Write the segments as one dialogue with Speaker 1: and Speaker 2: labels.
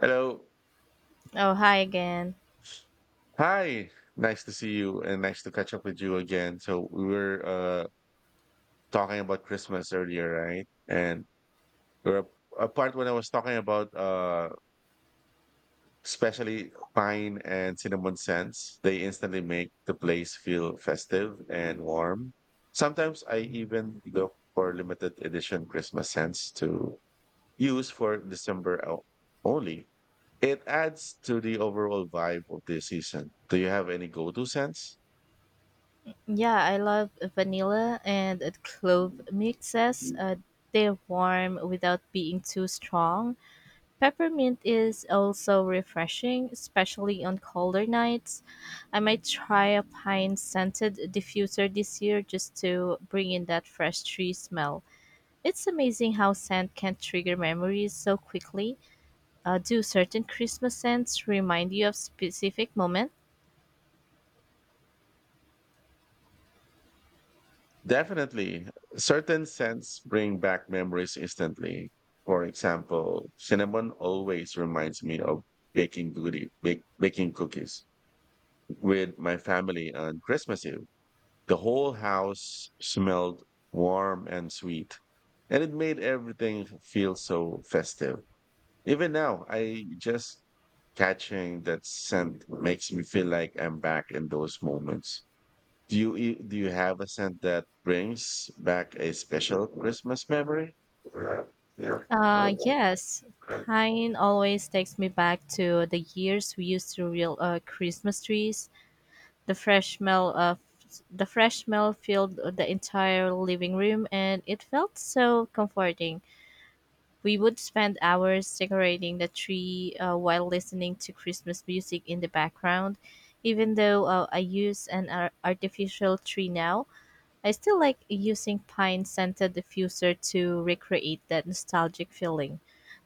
Speaker 1: Hello.
Speaker 2: Oh, hi again.
Speaker 1: Hi. Nice to see you and nice to catch up with you again. So we were talking about Christmas earlier, right? And we were apart when I was talking about especially pine and cinnamon scents. They instantly make the place feel festive and warm. Sometimes I even look for limited edition Christmas scents to use for only. It adds to the overall vibe of the season. Do you have any go-to scents?
Speaker 2: Yeah, I love vanilla and clove mixes. They're warm without being too strong. Peppermint is also refreshing, especially on colder nights. I might try a pine scented diffuser this year just to bring in that fresh tree smell. It's amazing how scent can trigger memories so quickly. Do certain Christmas scents remind you of specific moments?
Speaker 1: Definitely. Certain scents bring back memories instantly. For example, cinnamon always reminds me of baking cookies with my family on Christmas Eve. The whole house smelled warm and sweet, and it made everything feel so festive. Even now, I just catching that scent makes me feel like I'm back in those moments. Do you have a scent that brings back a special Christmas memory?
Speaker 2: Yes, pine always takes me back to the years we used to reel Christmas trees. The fresh smell of the fresh smell filled the entire living room, and it felt so comforting. We would spend hours decorating the tree while listening to Christmas music in the background. Even though I use an artificial tree now, I still like using pine scented diffuser to recreate that nostalgic feeling.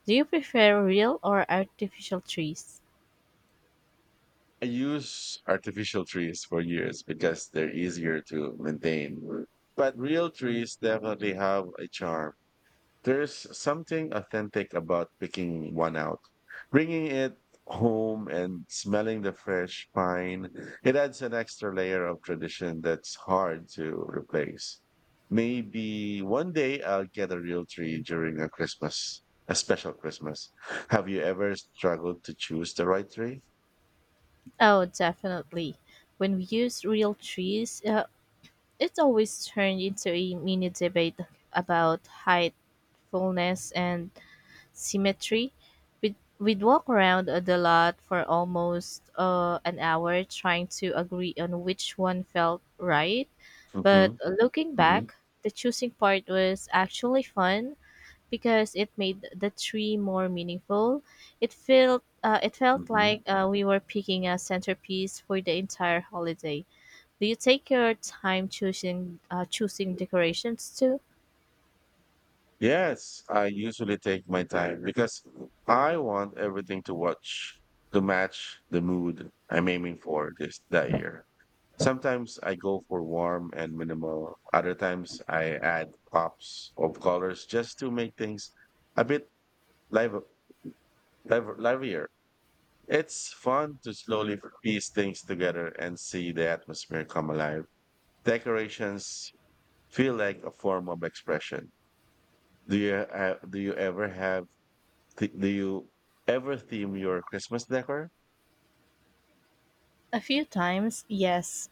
Speaker 2: Do you prefer real or artificial trees?
Speaker 1: I use artificial trees for years because they're easier to maintain. But real trees definitely have a charm. There's something authentic about picking one out, bringing it home and smelling the fresh pine. It adds an extra layer of tradition that's hard to replace. Maybe one day I'll get a real tree during a special Christmas. Have you ever struggled to choose the right tree?
Speaker 2: Oh, definitely. When we use real trees, it's always turned into a mini debate about height, fullness, and symmetry. We'd walk around the lot for almost an hour trying to agree on which one felt right. But
Speaker 1: hmm
Speaker 2: looking
Speaker 1: hmm
Speaker 2: back, the choosing part was actually fun because it made the tree more meaningful. It felt
Speaker 1: hmm
Speaker 2: like we were picking a centerpiece for the entire holiday. Do you take your time choosing decorations too?
Speaker 1: Yes, I usually take my time because I want everything to watch to match the mood I'm aiming for this that year. Sometimes I go for warm and minimal. Other times I add pops of colors just to make things a bit live, livelier. It's fun to slowly piece things together and see the atmosphere come alive. Decorations feel like a form of expression. Do you ever have Th- do you ever theme your Christmas decor?
Speaker 2: A few times, yes.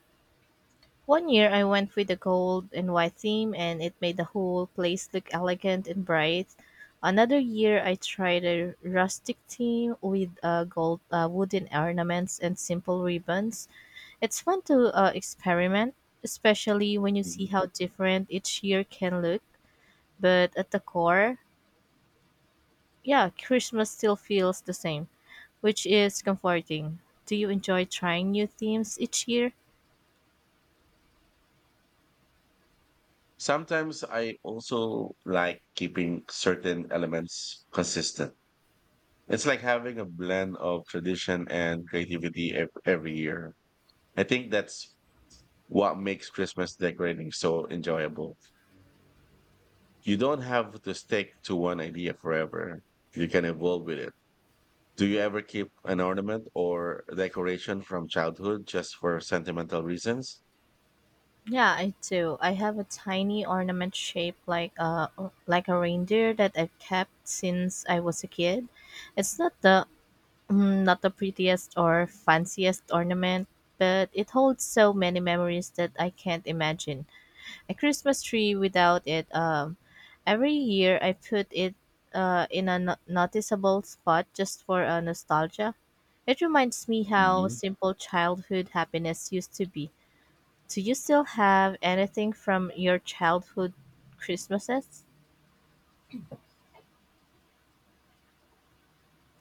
Speaker 2: One year I went with the gold and white theme, and it made the whole place look elegant and bright. Another year I tried a rustic theme with gold wooden ornaments and simple ribbons. It's fun to experiment, especially when you see
Speaker 1: Mhm.
Speaker 2: how different each year can look. But at the core, yeah, Christmas still feels the same, which is comforting. Do you enjoy trying new themes each year?
Speaker 1: Sometimes I also like keeping certain elements consistent. It's like having a blend of tradition and creativity every year. I think that's what makes Christmas decorating so enjoyable. You don't have to stick to one idea forever. You can evolve with it. Do you ever keep an ornament or decoration from childhood just for sentimental reasons?
Speaker 2: Yeah, I do. I have a tiny ornament shaped like a reindeer that I've kept since I was a kid. It's not the not the prettiest or fanciest ornament, but it holds so many memories that I can't imagine a Christmas tree without it. Every year I put it in a noticeable spot just for nostalgia. It reminds me how simple childhood happiness used to be. Do you still have anything from your childhood Christmases?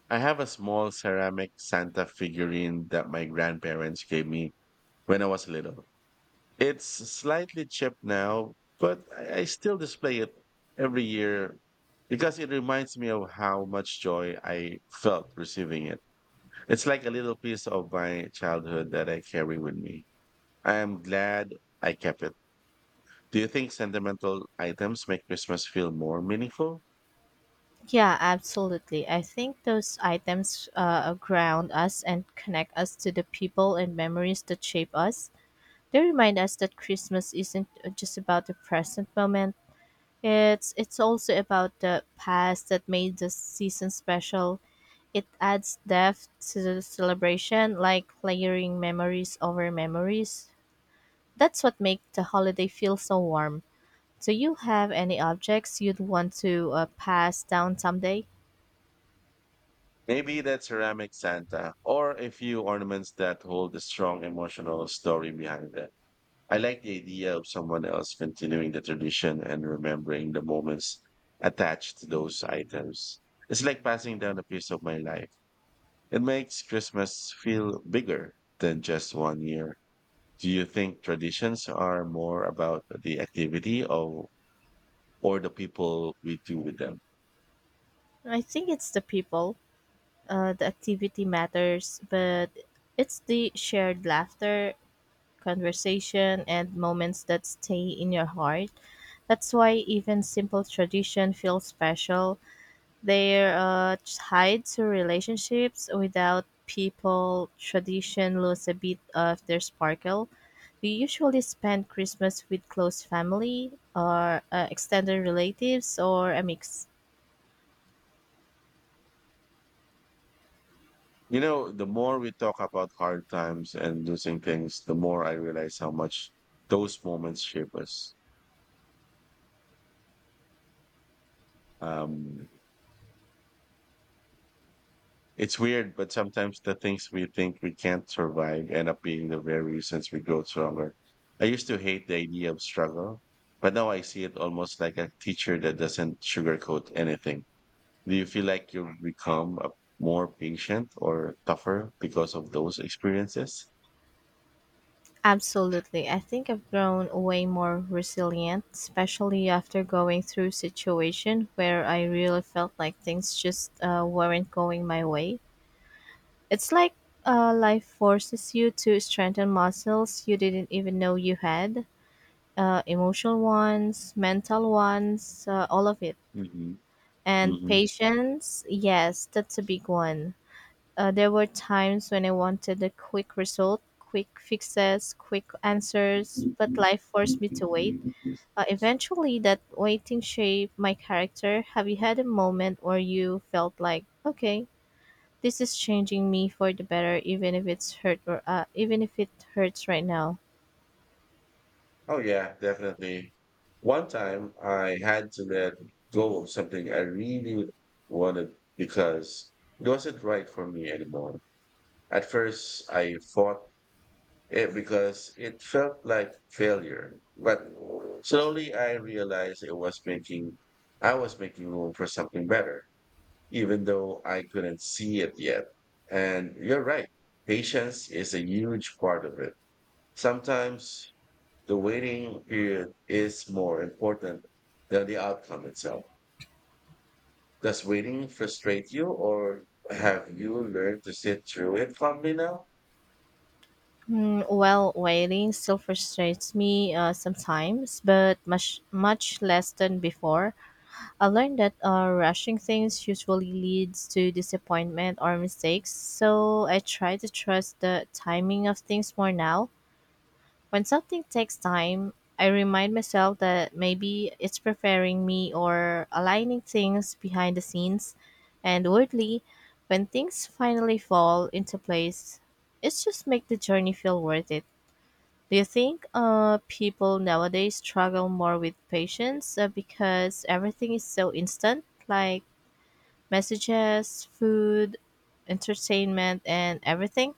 Speaker 1: I have a small ceramic Santa figurine that my grandparents gave me when I was little. It's slightly chipped now, but I still display it every year because it reminds me of how much joy I felt receiving it. It's like a little piece of my childhood that I carry with me. I am glad I kept it. Do you think sentimental items make Christmas feel more meaningful?
Speaker 2: Yeah, absolutely. I think those items ground us and connect us to the people and memories that shape us. They remind us that Christmas isn't just about the present moment. It's also about the past that made the season special. It adds depth to the celebration, like layering memories over memories. That's what makes the holiday feel so warm. Do you have any objects you'd want to pass down someday?
Speaker 1: Maybe that ceramic Santa, or a few ornaments that hold a strong emotional story behind them. I like the idea of someone else continuing the tradition and remembering the moments attached to those items. It's like passing down a piece of my life. It makes Christmas feel bigger than just one year. Do you think traditions are more about the activity or the people we do with them?
Speaker 2: I think it's the people. The activity matters, but it's the shared laughter, conversation, and moments that stay in your heart. That's why even simple tradition feels special. They're tied to relationships. Without people, tradition lose a bit of their sparkle. We usually spend Christmas with close family or extended relatives or a mix.
Speaker 1: You know, the more we talk about hard times and losing things, the more I realize how much those moments shape us. Um, it's weird, but sometimes the things we think we can't survive end up being the very reasons we grow stronger. I used to hate the idea of struggle, but now I see it almost like a teacher that doesn't sugarcoat anything. Do you feel like you've become a more patient or tougher because of those experiences?
Speaker 2: Absolutely. I think I've grown way more resilient, especially after going through situation where I really felt like things just weren't going my way. It's like life forces you to strengthen muscles you didn't even know you had, emotional ones, mental ones, all of it. And
Speaker 1: Mhm.
Speaker 2: patience, yes, that's a big one. There were times when I wanted a quick result, quick fixes, quick answers, but life forced me to wait. Eventually, that waiting shaped my character. Have you had a moment where you felt like, okay, this is changing me for the better, even if it's hurt or even if it hurts right now.
Speaker 1: Oh yeah, definitely. One time I had to let go of something I really wanted because it wasn't right for me anymore. At first I fought it because it felt like failure, but slowly I was making room for something better, even though I couldn't see it yet. And you're right. Patience is a huge part of it. Sometimes the waiting period is more important than the outcome itself. Does waiting frustrate you or have you learned to sit through it calmly now?
Speaker 2: Well, waiting still frustrates me sometimes, but much less than before. I learned that rushing things usually leads to disappointment or mistakes, so I try to trust the timing of things more now. When something takes time, I remind myself that maybe it's preparing me or aligning things behind the scenes. And weirdly, when things finally fall into place, it just makes the journey feel worth it. Do you think people nowadays struggle more with patience because everything is so instant, like messages, food, entertainment, and everything?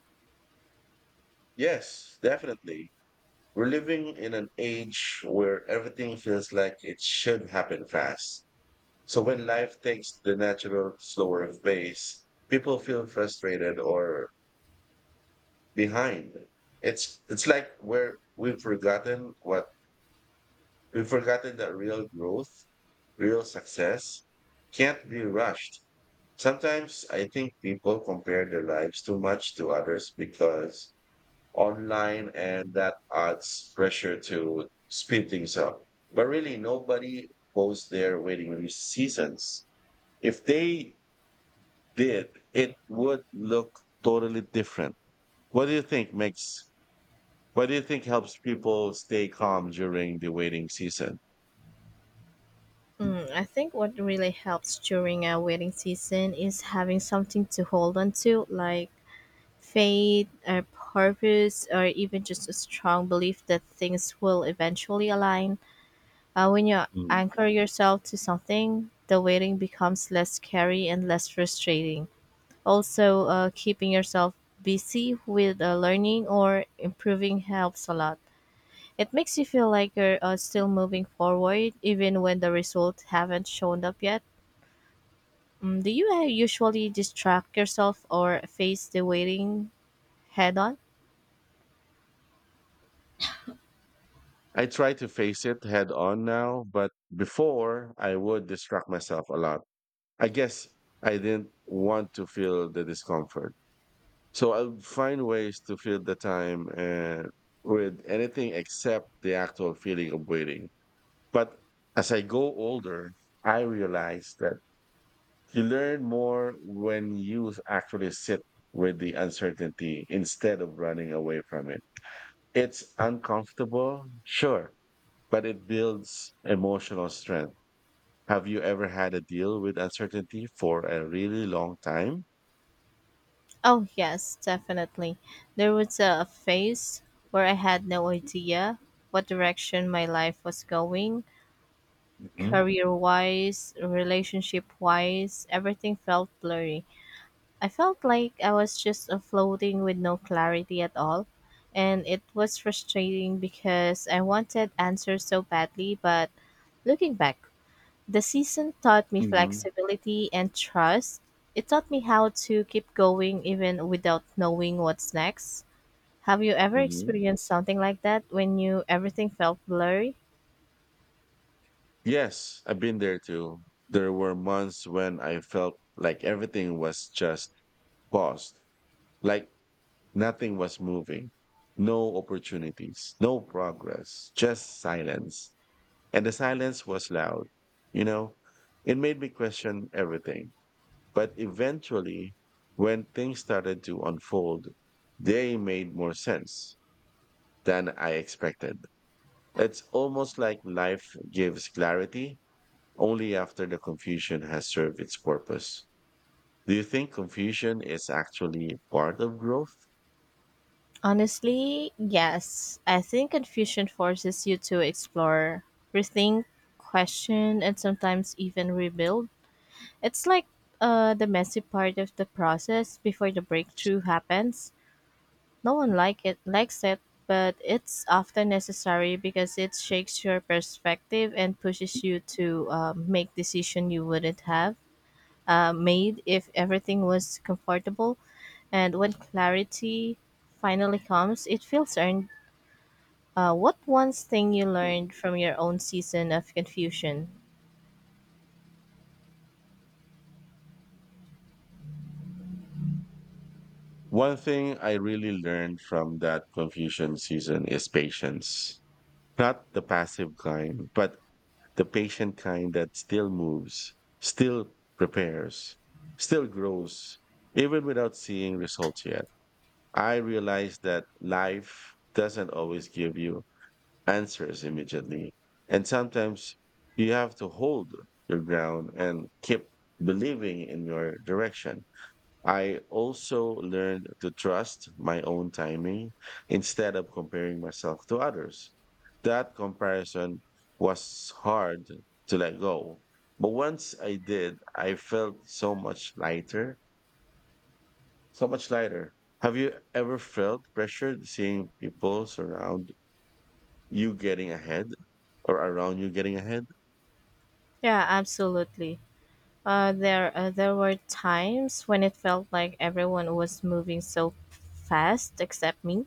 Speaker 1: Yes, definitely. We're living in an age where everything feels like it should happen fast. So when life takes the natural, slower pace, people feel frustrated or behind. It's like we've forgotten what we've forgotten that real growth, real success can't be rushed. Sometimes I think people compare their lives too much to others because online and that adds pressure to speed things up. But really, nobody goes there waiting these seasons. If they did, it would look totally different. What do you think makes, what do you think helps people stay calm during the waiting season?
Speaker 2: I think what really helps during a wedding season is having something to hold on to, like faith, or purpose, or even just a strong belief that things will eventually align. When you
Speaker 1: Hmm.
Speaker 2: anchor yourself to something, the waiting becomes less scary and less frustrating. Also, keeping yourself busy with learning or improving helps a lot. It makes you feel like you're still moving forward, even when the results haven't shown up yet. Do you usually distract yourself or face the waiting head on?
Speaker 1: I try to face it head on now, but before I would distract myself a lot. I guess I didn't want to feel the discomfort. So I'll find ways to fill the time and with anything except the actual feeling of waiting. But as I go older, I realize that you learn more when you actually sit with the uncertainty instead of running away from it. It's uncomfortable, sure, but it builds emotional strength. Have you ever had a deal with uncertainty for a really long time?
Speaker 2: Oh, yes, definitely. There was a phase where I had no idea what direction my life was going.
Speaker 1: Mhm.
Speaker 2: Career wise, relationship wise, everything felt blurry. I felt like I was just floating with no clarity at all. And it was frustrating because I wanted answers so badly, but looking back, the season taught me
Speaker 1: hmm
Speaker 2: flexibility and trust. It taught me how to keep going even without knowing what's next. Have you ever
Speaker 1: hmm
Speaker 2: experienced something like that when you everything felt blurry?
Speaker 1: Yes, I've been there too. There were months when I felt like everything was just paused, like nothing was moving, no opportunities, no progress, just silence. And the silence was loud. You know, it made me question everything. But eventually, when things started to unfold, they made more sense than I expected. It's almost like life gives clarity only after the confusion has served its purpose. Do you think confusion is actually part of growth?
Speaker 2: Honestly, yes. I think confusion forces you to explore, rethink, question, and sometimes even rebuild. It's like the messy part of the process before the breakthrough happens. No one likes it, but it's often necessary because it shakes your perspective and pushes you to make decision you wouldn't have made if everything was comfortable. And when clarity finally comes, it feels earned. What one's thing you
Speaker 1: Mm.
Speaker 2: learned from your own season of confusion?
Speaker 1: One thing I really learned from that confusion season is patience. Not the passive kind, but the patient kind that still moves, still prepares, still grows, even without seeing results yet. I realize that life doesn't always give you answers immediately. And sometimes you have to hold your ground and keep believing in your direction. I also learned to trust my own timing instead of comparing myself to others. That comparison was hard to let go. But once I did, I felt so much lighter, so much lighter. Have you ever felt pressured seeing people surround you getting ahead or around you getting ahead?
Speaker 2: Yeah, absolutely. There were times when it felt like everyone was moving so fast except me.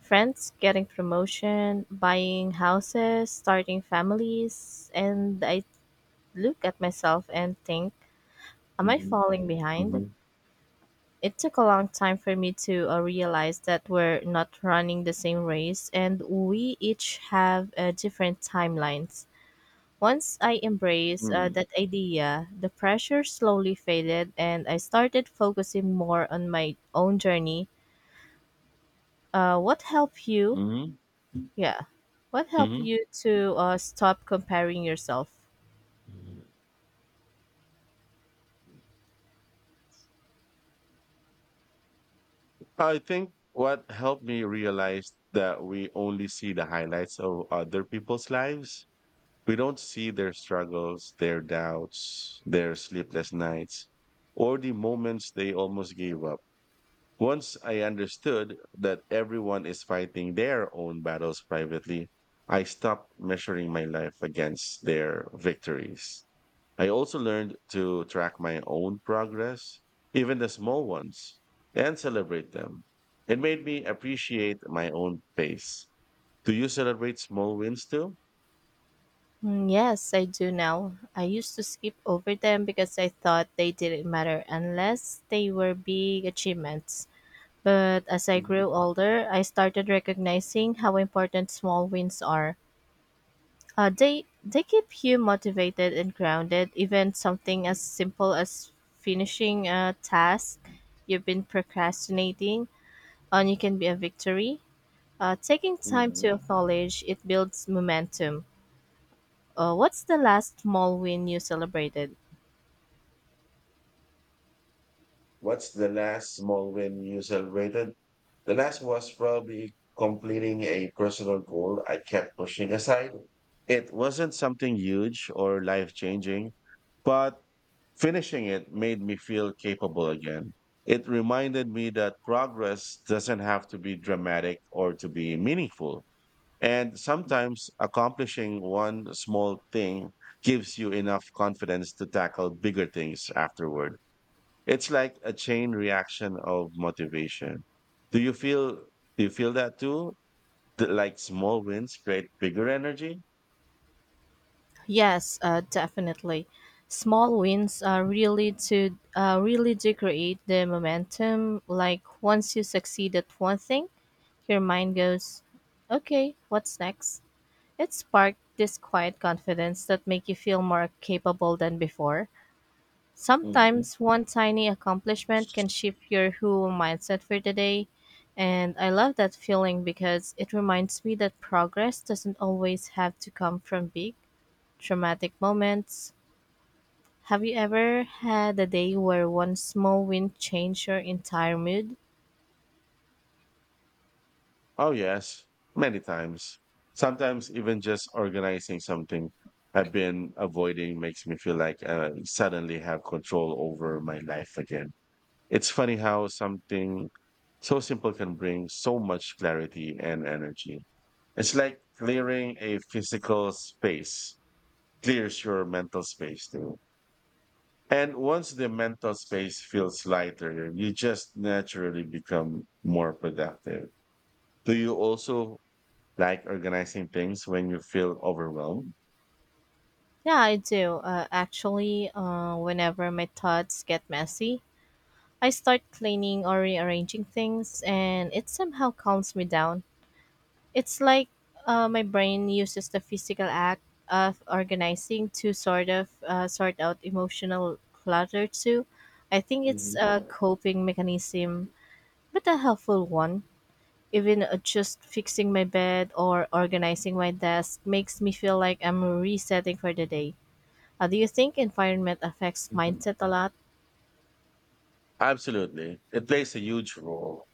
Speaker 2: Friends getting promotion, buying houses, starting families, and I look at myself and think, am I
Speaker 1: Mm-hmm.
Speaker 2: falling
Speaker 1: Mm-hmm.
Speaker 2: behind? It took a long time for me to realize that we're not running the same race and we each have different timelines. Once I embraced that idea, the pressure slowly faded and I started focusing more on my own journey. What helped you.
Speaker 1: Mm-hmm.
Speaker 2: Yeah. What helped you to stop comparing yourself?
Speaker 1: Mm-hmm. I think what helped me realize that we only see the highlights of other people's lives. We don't see their struggles, their doubts, their sleepless nights, or the moments they almost gave up. Once I understood that everyone is fighting their own battles privately, I stopped measuring my life against their victories. I also learned to track my own progress, even the small ones, and celebrate them. It made me appreciate my own pace. Do you celebrate small wins too?
Speaker 2: Yes, I do now. I used to skip over them because I thought they didn't matter unless they were big achievements. But as I grew older, I started recognizing how important small wins are. They keep you motivated and grounded. Even something as simple as finishing a task you've been procrastinating on you can be a victory. Taking time to acknowledge it builds momentum. What's the last small win you celebrated?
Speaker 1: What's the last small win you celebrated? The last was probably completing a personal goal I kept pushing aside. It wasn't something huge or life changing, but finishing it made me feel capable again. It reminded me that progress doesn't have to be dramatic or to be meaningful. And sometimes accomplishing one small thing gives you enough confidence to tackle bigger things afterward. It's like a chain reaction of motivation. Do you feel do you feel that too? Like small wins create bigger energy?
Speaker 2: Yes, definitely. Small wins are really do create the momentum. Like once you succeed at one thing, your mind goes, "Okay, what's next?" It sparked this quiet confidence that make you feel more capable than before.
Speaker 1: Mhm.
Speaker 2: Sometimes one tiny accomplishment can shift your whole mindset for the day. And I love that feeling because it reminds me that progress doesn't always have to come from big, traumatic moments. Have you ever had a day where one small win changed your entire mood?
Speaker 1: Oh, yes, many times. Sometimes even just organizing something I've been avoiding makes me feel like I suddenly have control over my life again. It's funny how something so simple can bring so much clarity and energy. It's like clearing a physical space, clears your mental space too. And once the mental space feels lighter, you just naturally become more productive. Do you also like organizing things when you feel overwhelmed?
Speaker 2: Yeah, I do. Actually, whenever my thoughts get messy, I start cleaning or rearranging things, and it somehow calms me down. It's like my brain uses the physical act of organizing to sort out emotional clutter too. I think it's
Speaker 1: Mhm.
Speaker 2: a coping mechanism, but a helpful one. Even just fixing my bed or organizing my desk makes me feel like I'm resetting for the day. Do you think environment affects
Speaker 1: Mhm.
Speaker 2: mindset a lot?
Speaker 1: Absolutely. It plays a huge role.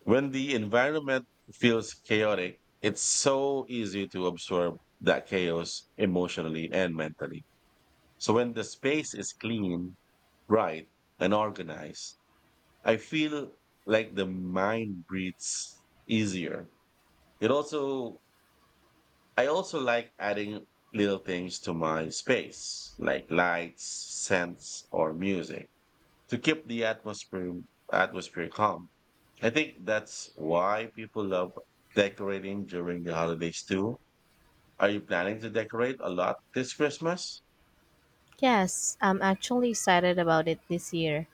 Speaker 1: When the environment feels chaotic, it's so easy to absorb that chaos emotionally and mentally. So when the space is clean, bright, and organized, I feel like the mind breathes easier. It also, I also like adding little things to my space, like lights, scents, or music to keep the atmosphere calm. I think that's why people love decorating during the holidays too. Are you planning to decorate a lot this Christmas?
Speaker 2: Yes, I'm actually excited about it this year.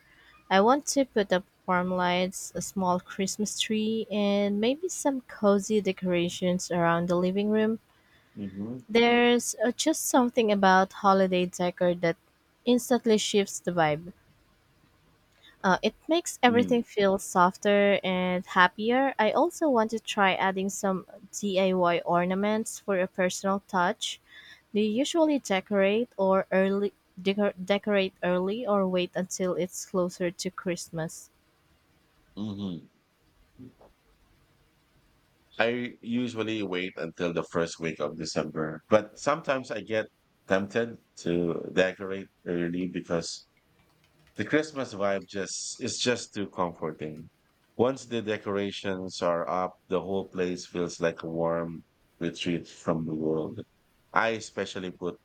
Speaker 2: I want to put up warm lights, a small Christmas tree, and maybe some cozy decorations around the living room.
Speaker 1: Mm-hmm.
Speaker 2: There's just something about holiday decor that instantly shifts the vibe. It makes everything feel softer and happier. I also want to try adding some DIY ornaments for a personal touch. Do you usually decorate early or wait until it's closer to Christmas?
Speaker 1: Mm-hmm. I usually wait until the first week of December, but sometimes I get tempted to decorate early because the Christmas vibe just too comforting. Once the decorations are up, the whole place feels like a warm retreat from the world. I especially put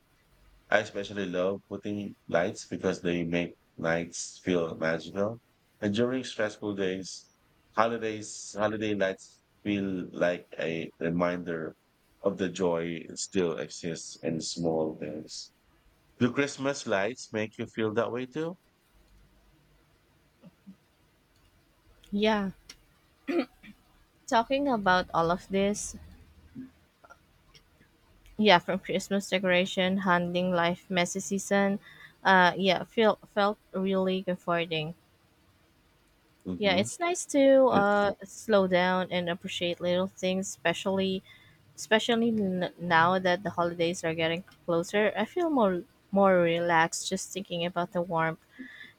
Speaker 1: I especially love putting lights because they make nights feel magical. And during stressful days, holiday nights feel like a reminder of the joy still exists in small things. Do Christmas lights make you feel that way too?
Speaker 2: Yeah. Talking about all of this, yeah, from Christmas decoration, handling life messy season, yeah, feel felt really comforting. Yeah,
Speaker 1: Mm-hmm.
Speaker 2: it's nice to
Speaker 1: Yes.
Speaker 2: slow down and appreciate little things, especially now that the holidays are getting closer. I feel more relaxed just thinking about the warmth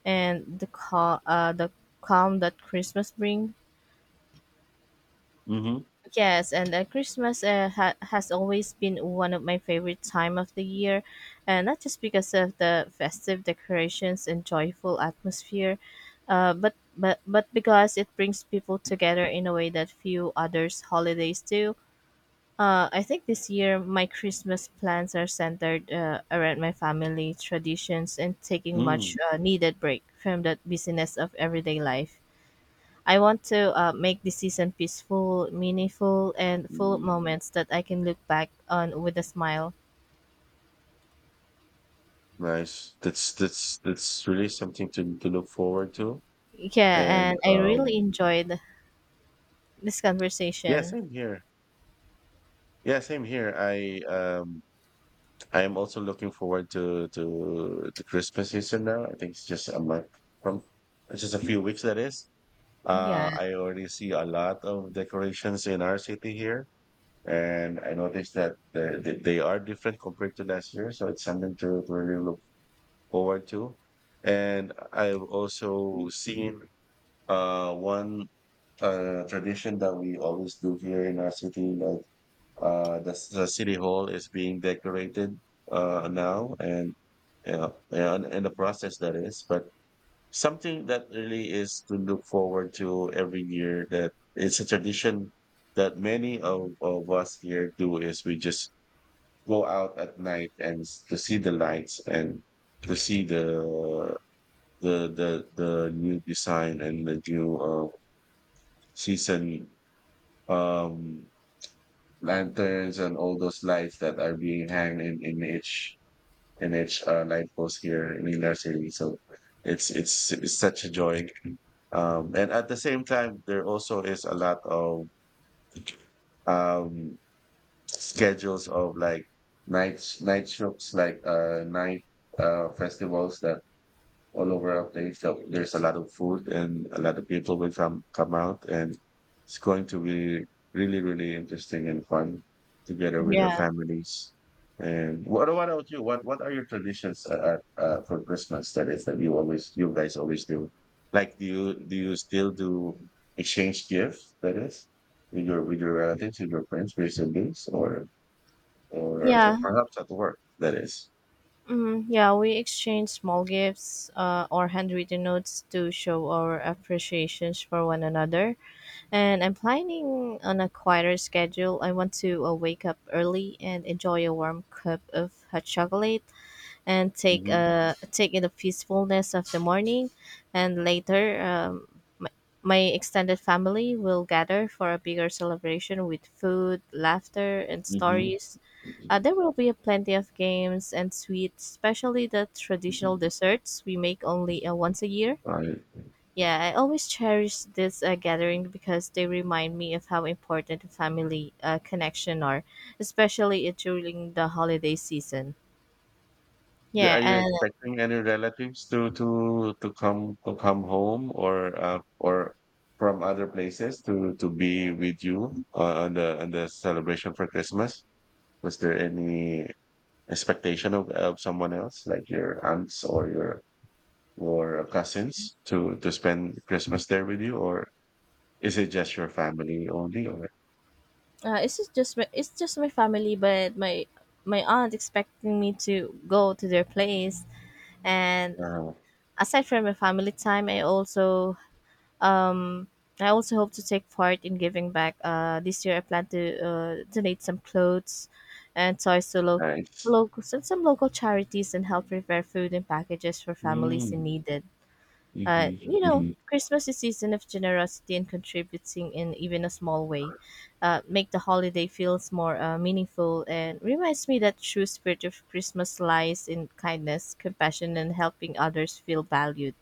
Speaker 2: and the calm that Christmas brings.
Speaker 1: Mm-hmm.
Speaker 2: Yes, and Christmas has always been one of my favorite time of the year, and not just because of the festive decorations and joyful atmosphere, but because it brings people together in a way that few others holidays do. I think this year my Christmas plans are centered around my family traditions and taking
Speaker 1: Mm.
Speaker 2: much needed break from the busyness of everyday life. I want to make this season peaceful, meaningful, and full of
Speaker 1: Mm.
Speaker 2: moments that I can look back on with a smile.
Speaker 1: Nice. That's really something to look forward to.
Speaker 2: Yeah,
Speaker 1: And
Speaker 2: and I really enjoyed this
Speaker 1: yeah,
Speaker 2: conversation.
Speaker 1: same here. Yeah, same here. I am also looking forward to the Christmas season now. I think it's just a month from, it's just a few weeks that is.
Speaker 2: Yeah,
Speaker 1: I already see a lot of decorations in our city here, and I noticed that they are different compared to last year. So it's something to really look forward to. And I've also seen one tradition that we always do here in our city, like the city hall is being decorated now, and yeah, yeah, and the process that is, but something that really is to look forward to every year. That it's a tradition that of us here do is we just go out at night and to see the lights and to see the the new design and the new season. Um, Lanterns and all those lights that are being hanged in each in each light post here in Ilar City. So it's such a joy. And at the same time, there also is a lot of um, schedules of like night shows, like night festivals that all over our place. So there's a lot of food and a lot of people will come out, and it's going to be really interesting and fun together with our
Speaker 2: yeah,
Speaker 1: families. And what about you? What are your traditions for Christmas? That is that you guys always do. Like do you still do exchange gifts? That is with your relatives, with your friends, with your siblings, or
Speaker 2: yeah,
Speaker 1: perhaps at work. That is.
Speaker 2: yeah. We exchanged small gifts or handwritten notes to show our appreciations for one another. And I'm planning on a quieter schedule. I want to wake up early and enjoy a warm cup of hot chocolate and take
Speaker 1: Mm-hmm.
Speaker 2: uh take in the peacefulness of the morning, and later, my, my extended family will gather for a bigger celebration with food, laughter, and
Speaker 1: Mm-hmm.
Speaker 2: stories. There will be plenty of games and sweets, especially the traditional desserts we make only once a year.
Speaker 1: All right.
Speaker 2: Yeah, I always cherish this gathering because they remind me of how important family connection are, especially during the holiday season.
Speaker 1: Are
Speaker 2: Yeah.
Speaker 1: you
Speaker 2: And
Speaker 1: expecting any relatives to come home or from other places to be with you on the celebration for Christmas? Was there any expectation of someone else, like your aunts or your or cousins, to spend Christmas there with you, or is it just your family only? Or
Speaker 2: It's just my family, but my aunt expecting me to go to their place. And
Speaker 1: uh,
Speaker 2: aside from my family time, um I also hope to take part in giving back. This year I plan to donate some clothes and toys to local
Speaker 1: nice.
Speaker 2: local some local charities and help prepare food and packages for families in
Speaker 1: Mm-hmm.
Speaker 2: need. You know, Christmas is season of generosity and contributing in even a small way. Make the holiday feels more meaningful and reminds me that true spirit of Christmas lies in kindness, compassion, and helping others feel valued.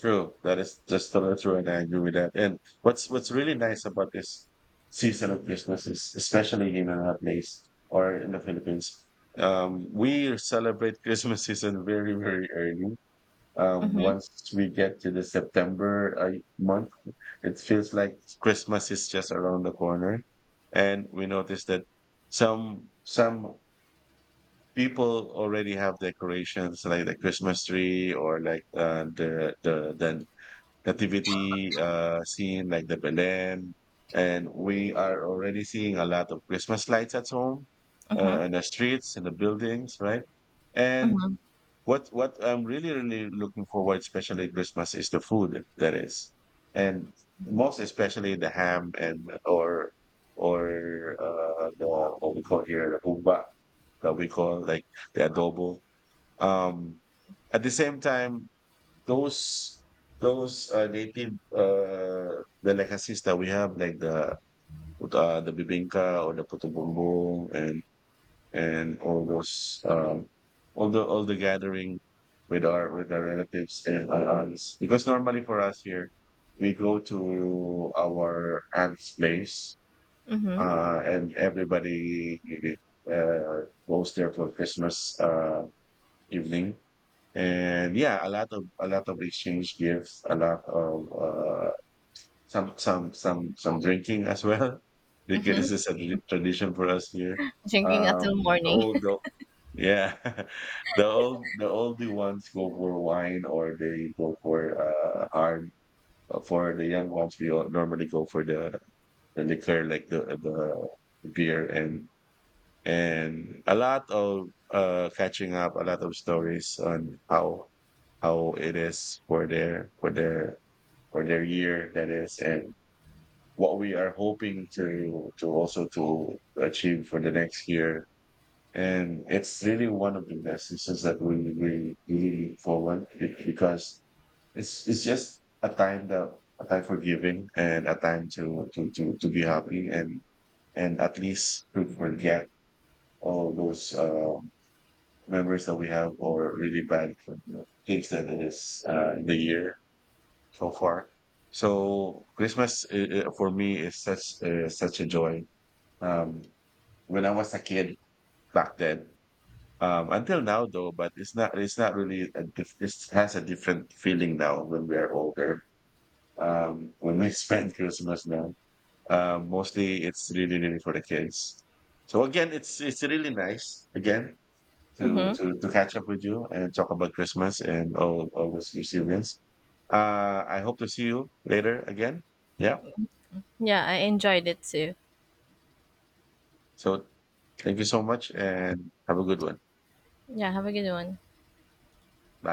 Speaker 1: True. That is just totally true, and I agree with that. And what's really nice about this season of Christmas is, especially in our place or in the Philippines, we celebrate Christmas season very, very early.
Speaker 2: Mm-hmm,
Speaker 1: Once we get to the September month, it feels like Christmas is just around the corner, and we notice that some people already have decorations like the Christmas tree or like the nativity scene like the Belen, and we are already seeing a lot of Christmas lights at home,
Speaker 2: mm-hmm,
Speaker 1: in the streets, in the buildings, right? And
Speaker 2: mm-hmm,
Speaker 1: what I'm really looking forward, especially at Christmas, is the food that is, and most especially the ham and or or the what we call here the humba that we call like the adobo. Um, at the same time, those those native delicacies that we have, like the the bibinka or the puto bumbong and all those all the gathering with our relatives and our aunts. Because normally for us here, we go to our aunt's place,
Speaker 2: mm-hmm,
Speaker 1: and everybody goes there for Christmas evening and yeah, a lot of exchange gifts, a lot of some drinking as well.
Speaker 2: mm-hmm.
Speaker 1: Because this is a tradition for us here.
Speaker 2: Drinking until
Speaker 1: Um, the
Speaker 2: morning.
Speaker 1: old the, yeah, the old the older ones go for wine or they go for hard. For the young ones, we all normally go for the liquor like the beer and a lot of catching up, a lot of stories on how it is for their for their for their year that is and what we are hoping to also to achieve for the next year. And it's really one of the messages that we really forward because it's just a time that a time for giving and a time to be happy and at least to forget all those memories that we have or really bad things that it is in the year so far. So Christmas for me is such such a joy. Um, when I was a kid back then, until now though, but it's not really a it has a different feeling now when we are older. When we spend Christmas now, mostly it's really for the kids. So again, it's really nice again
Speaker 2: Mm-hmm.
Speaker 1: to catch up with you and talk about Christmas and all those resilience. I hope to see you later again. Yeah.
Speaker 2: Yeah, I enjoyed it too.
Speaker 1: So thank you so much and have a good one.
Speaker 2: Yeah, have a good one.
Speaker 1: Bye.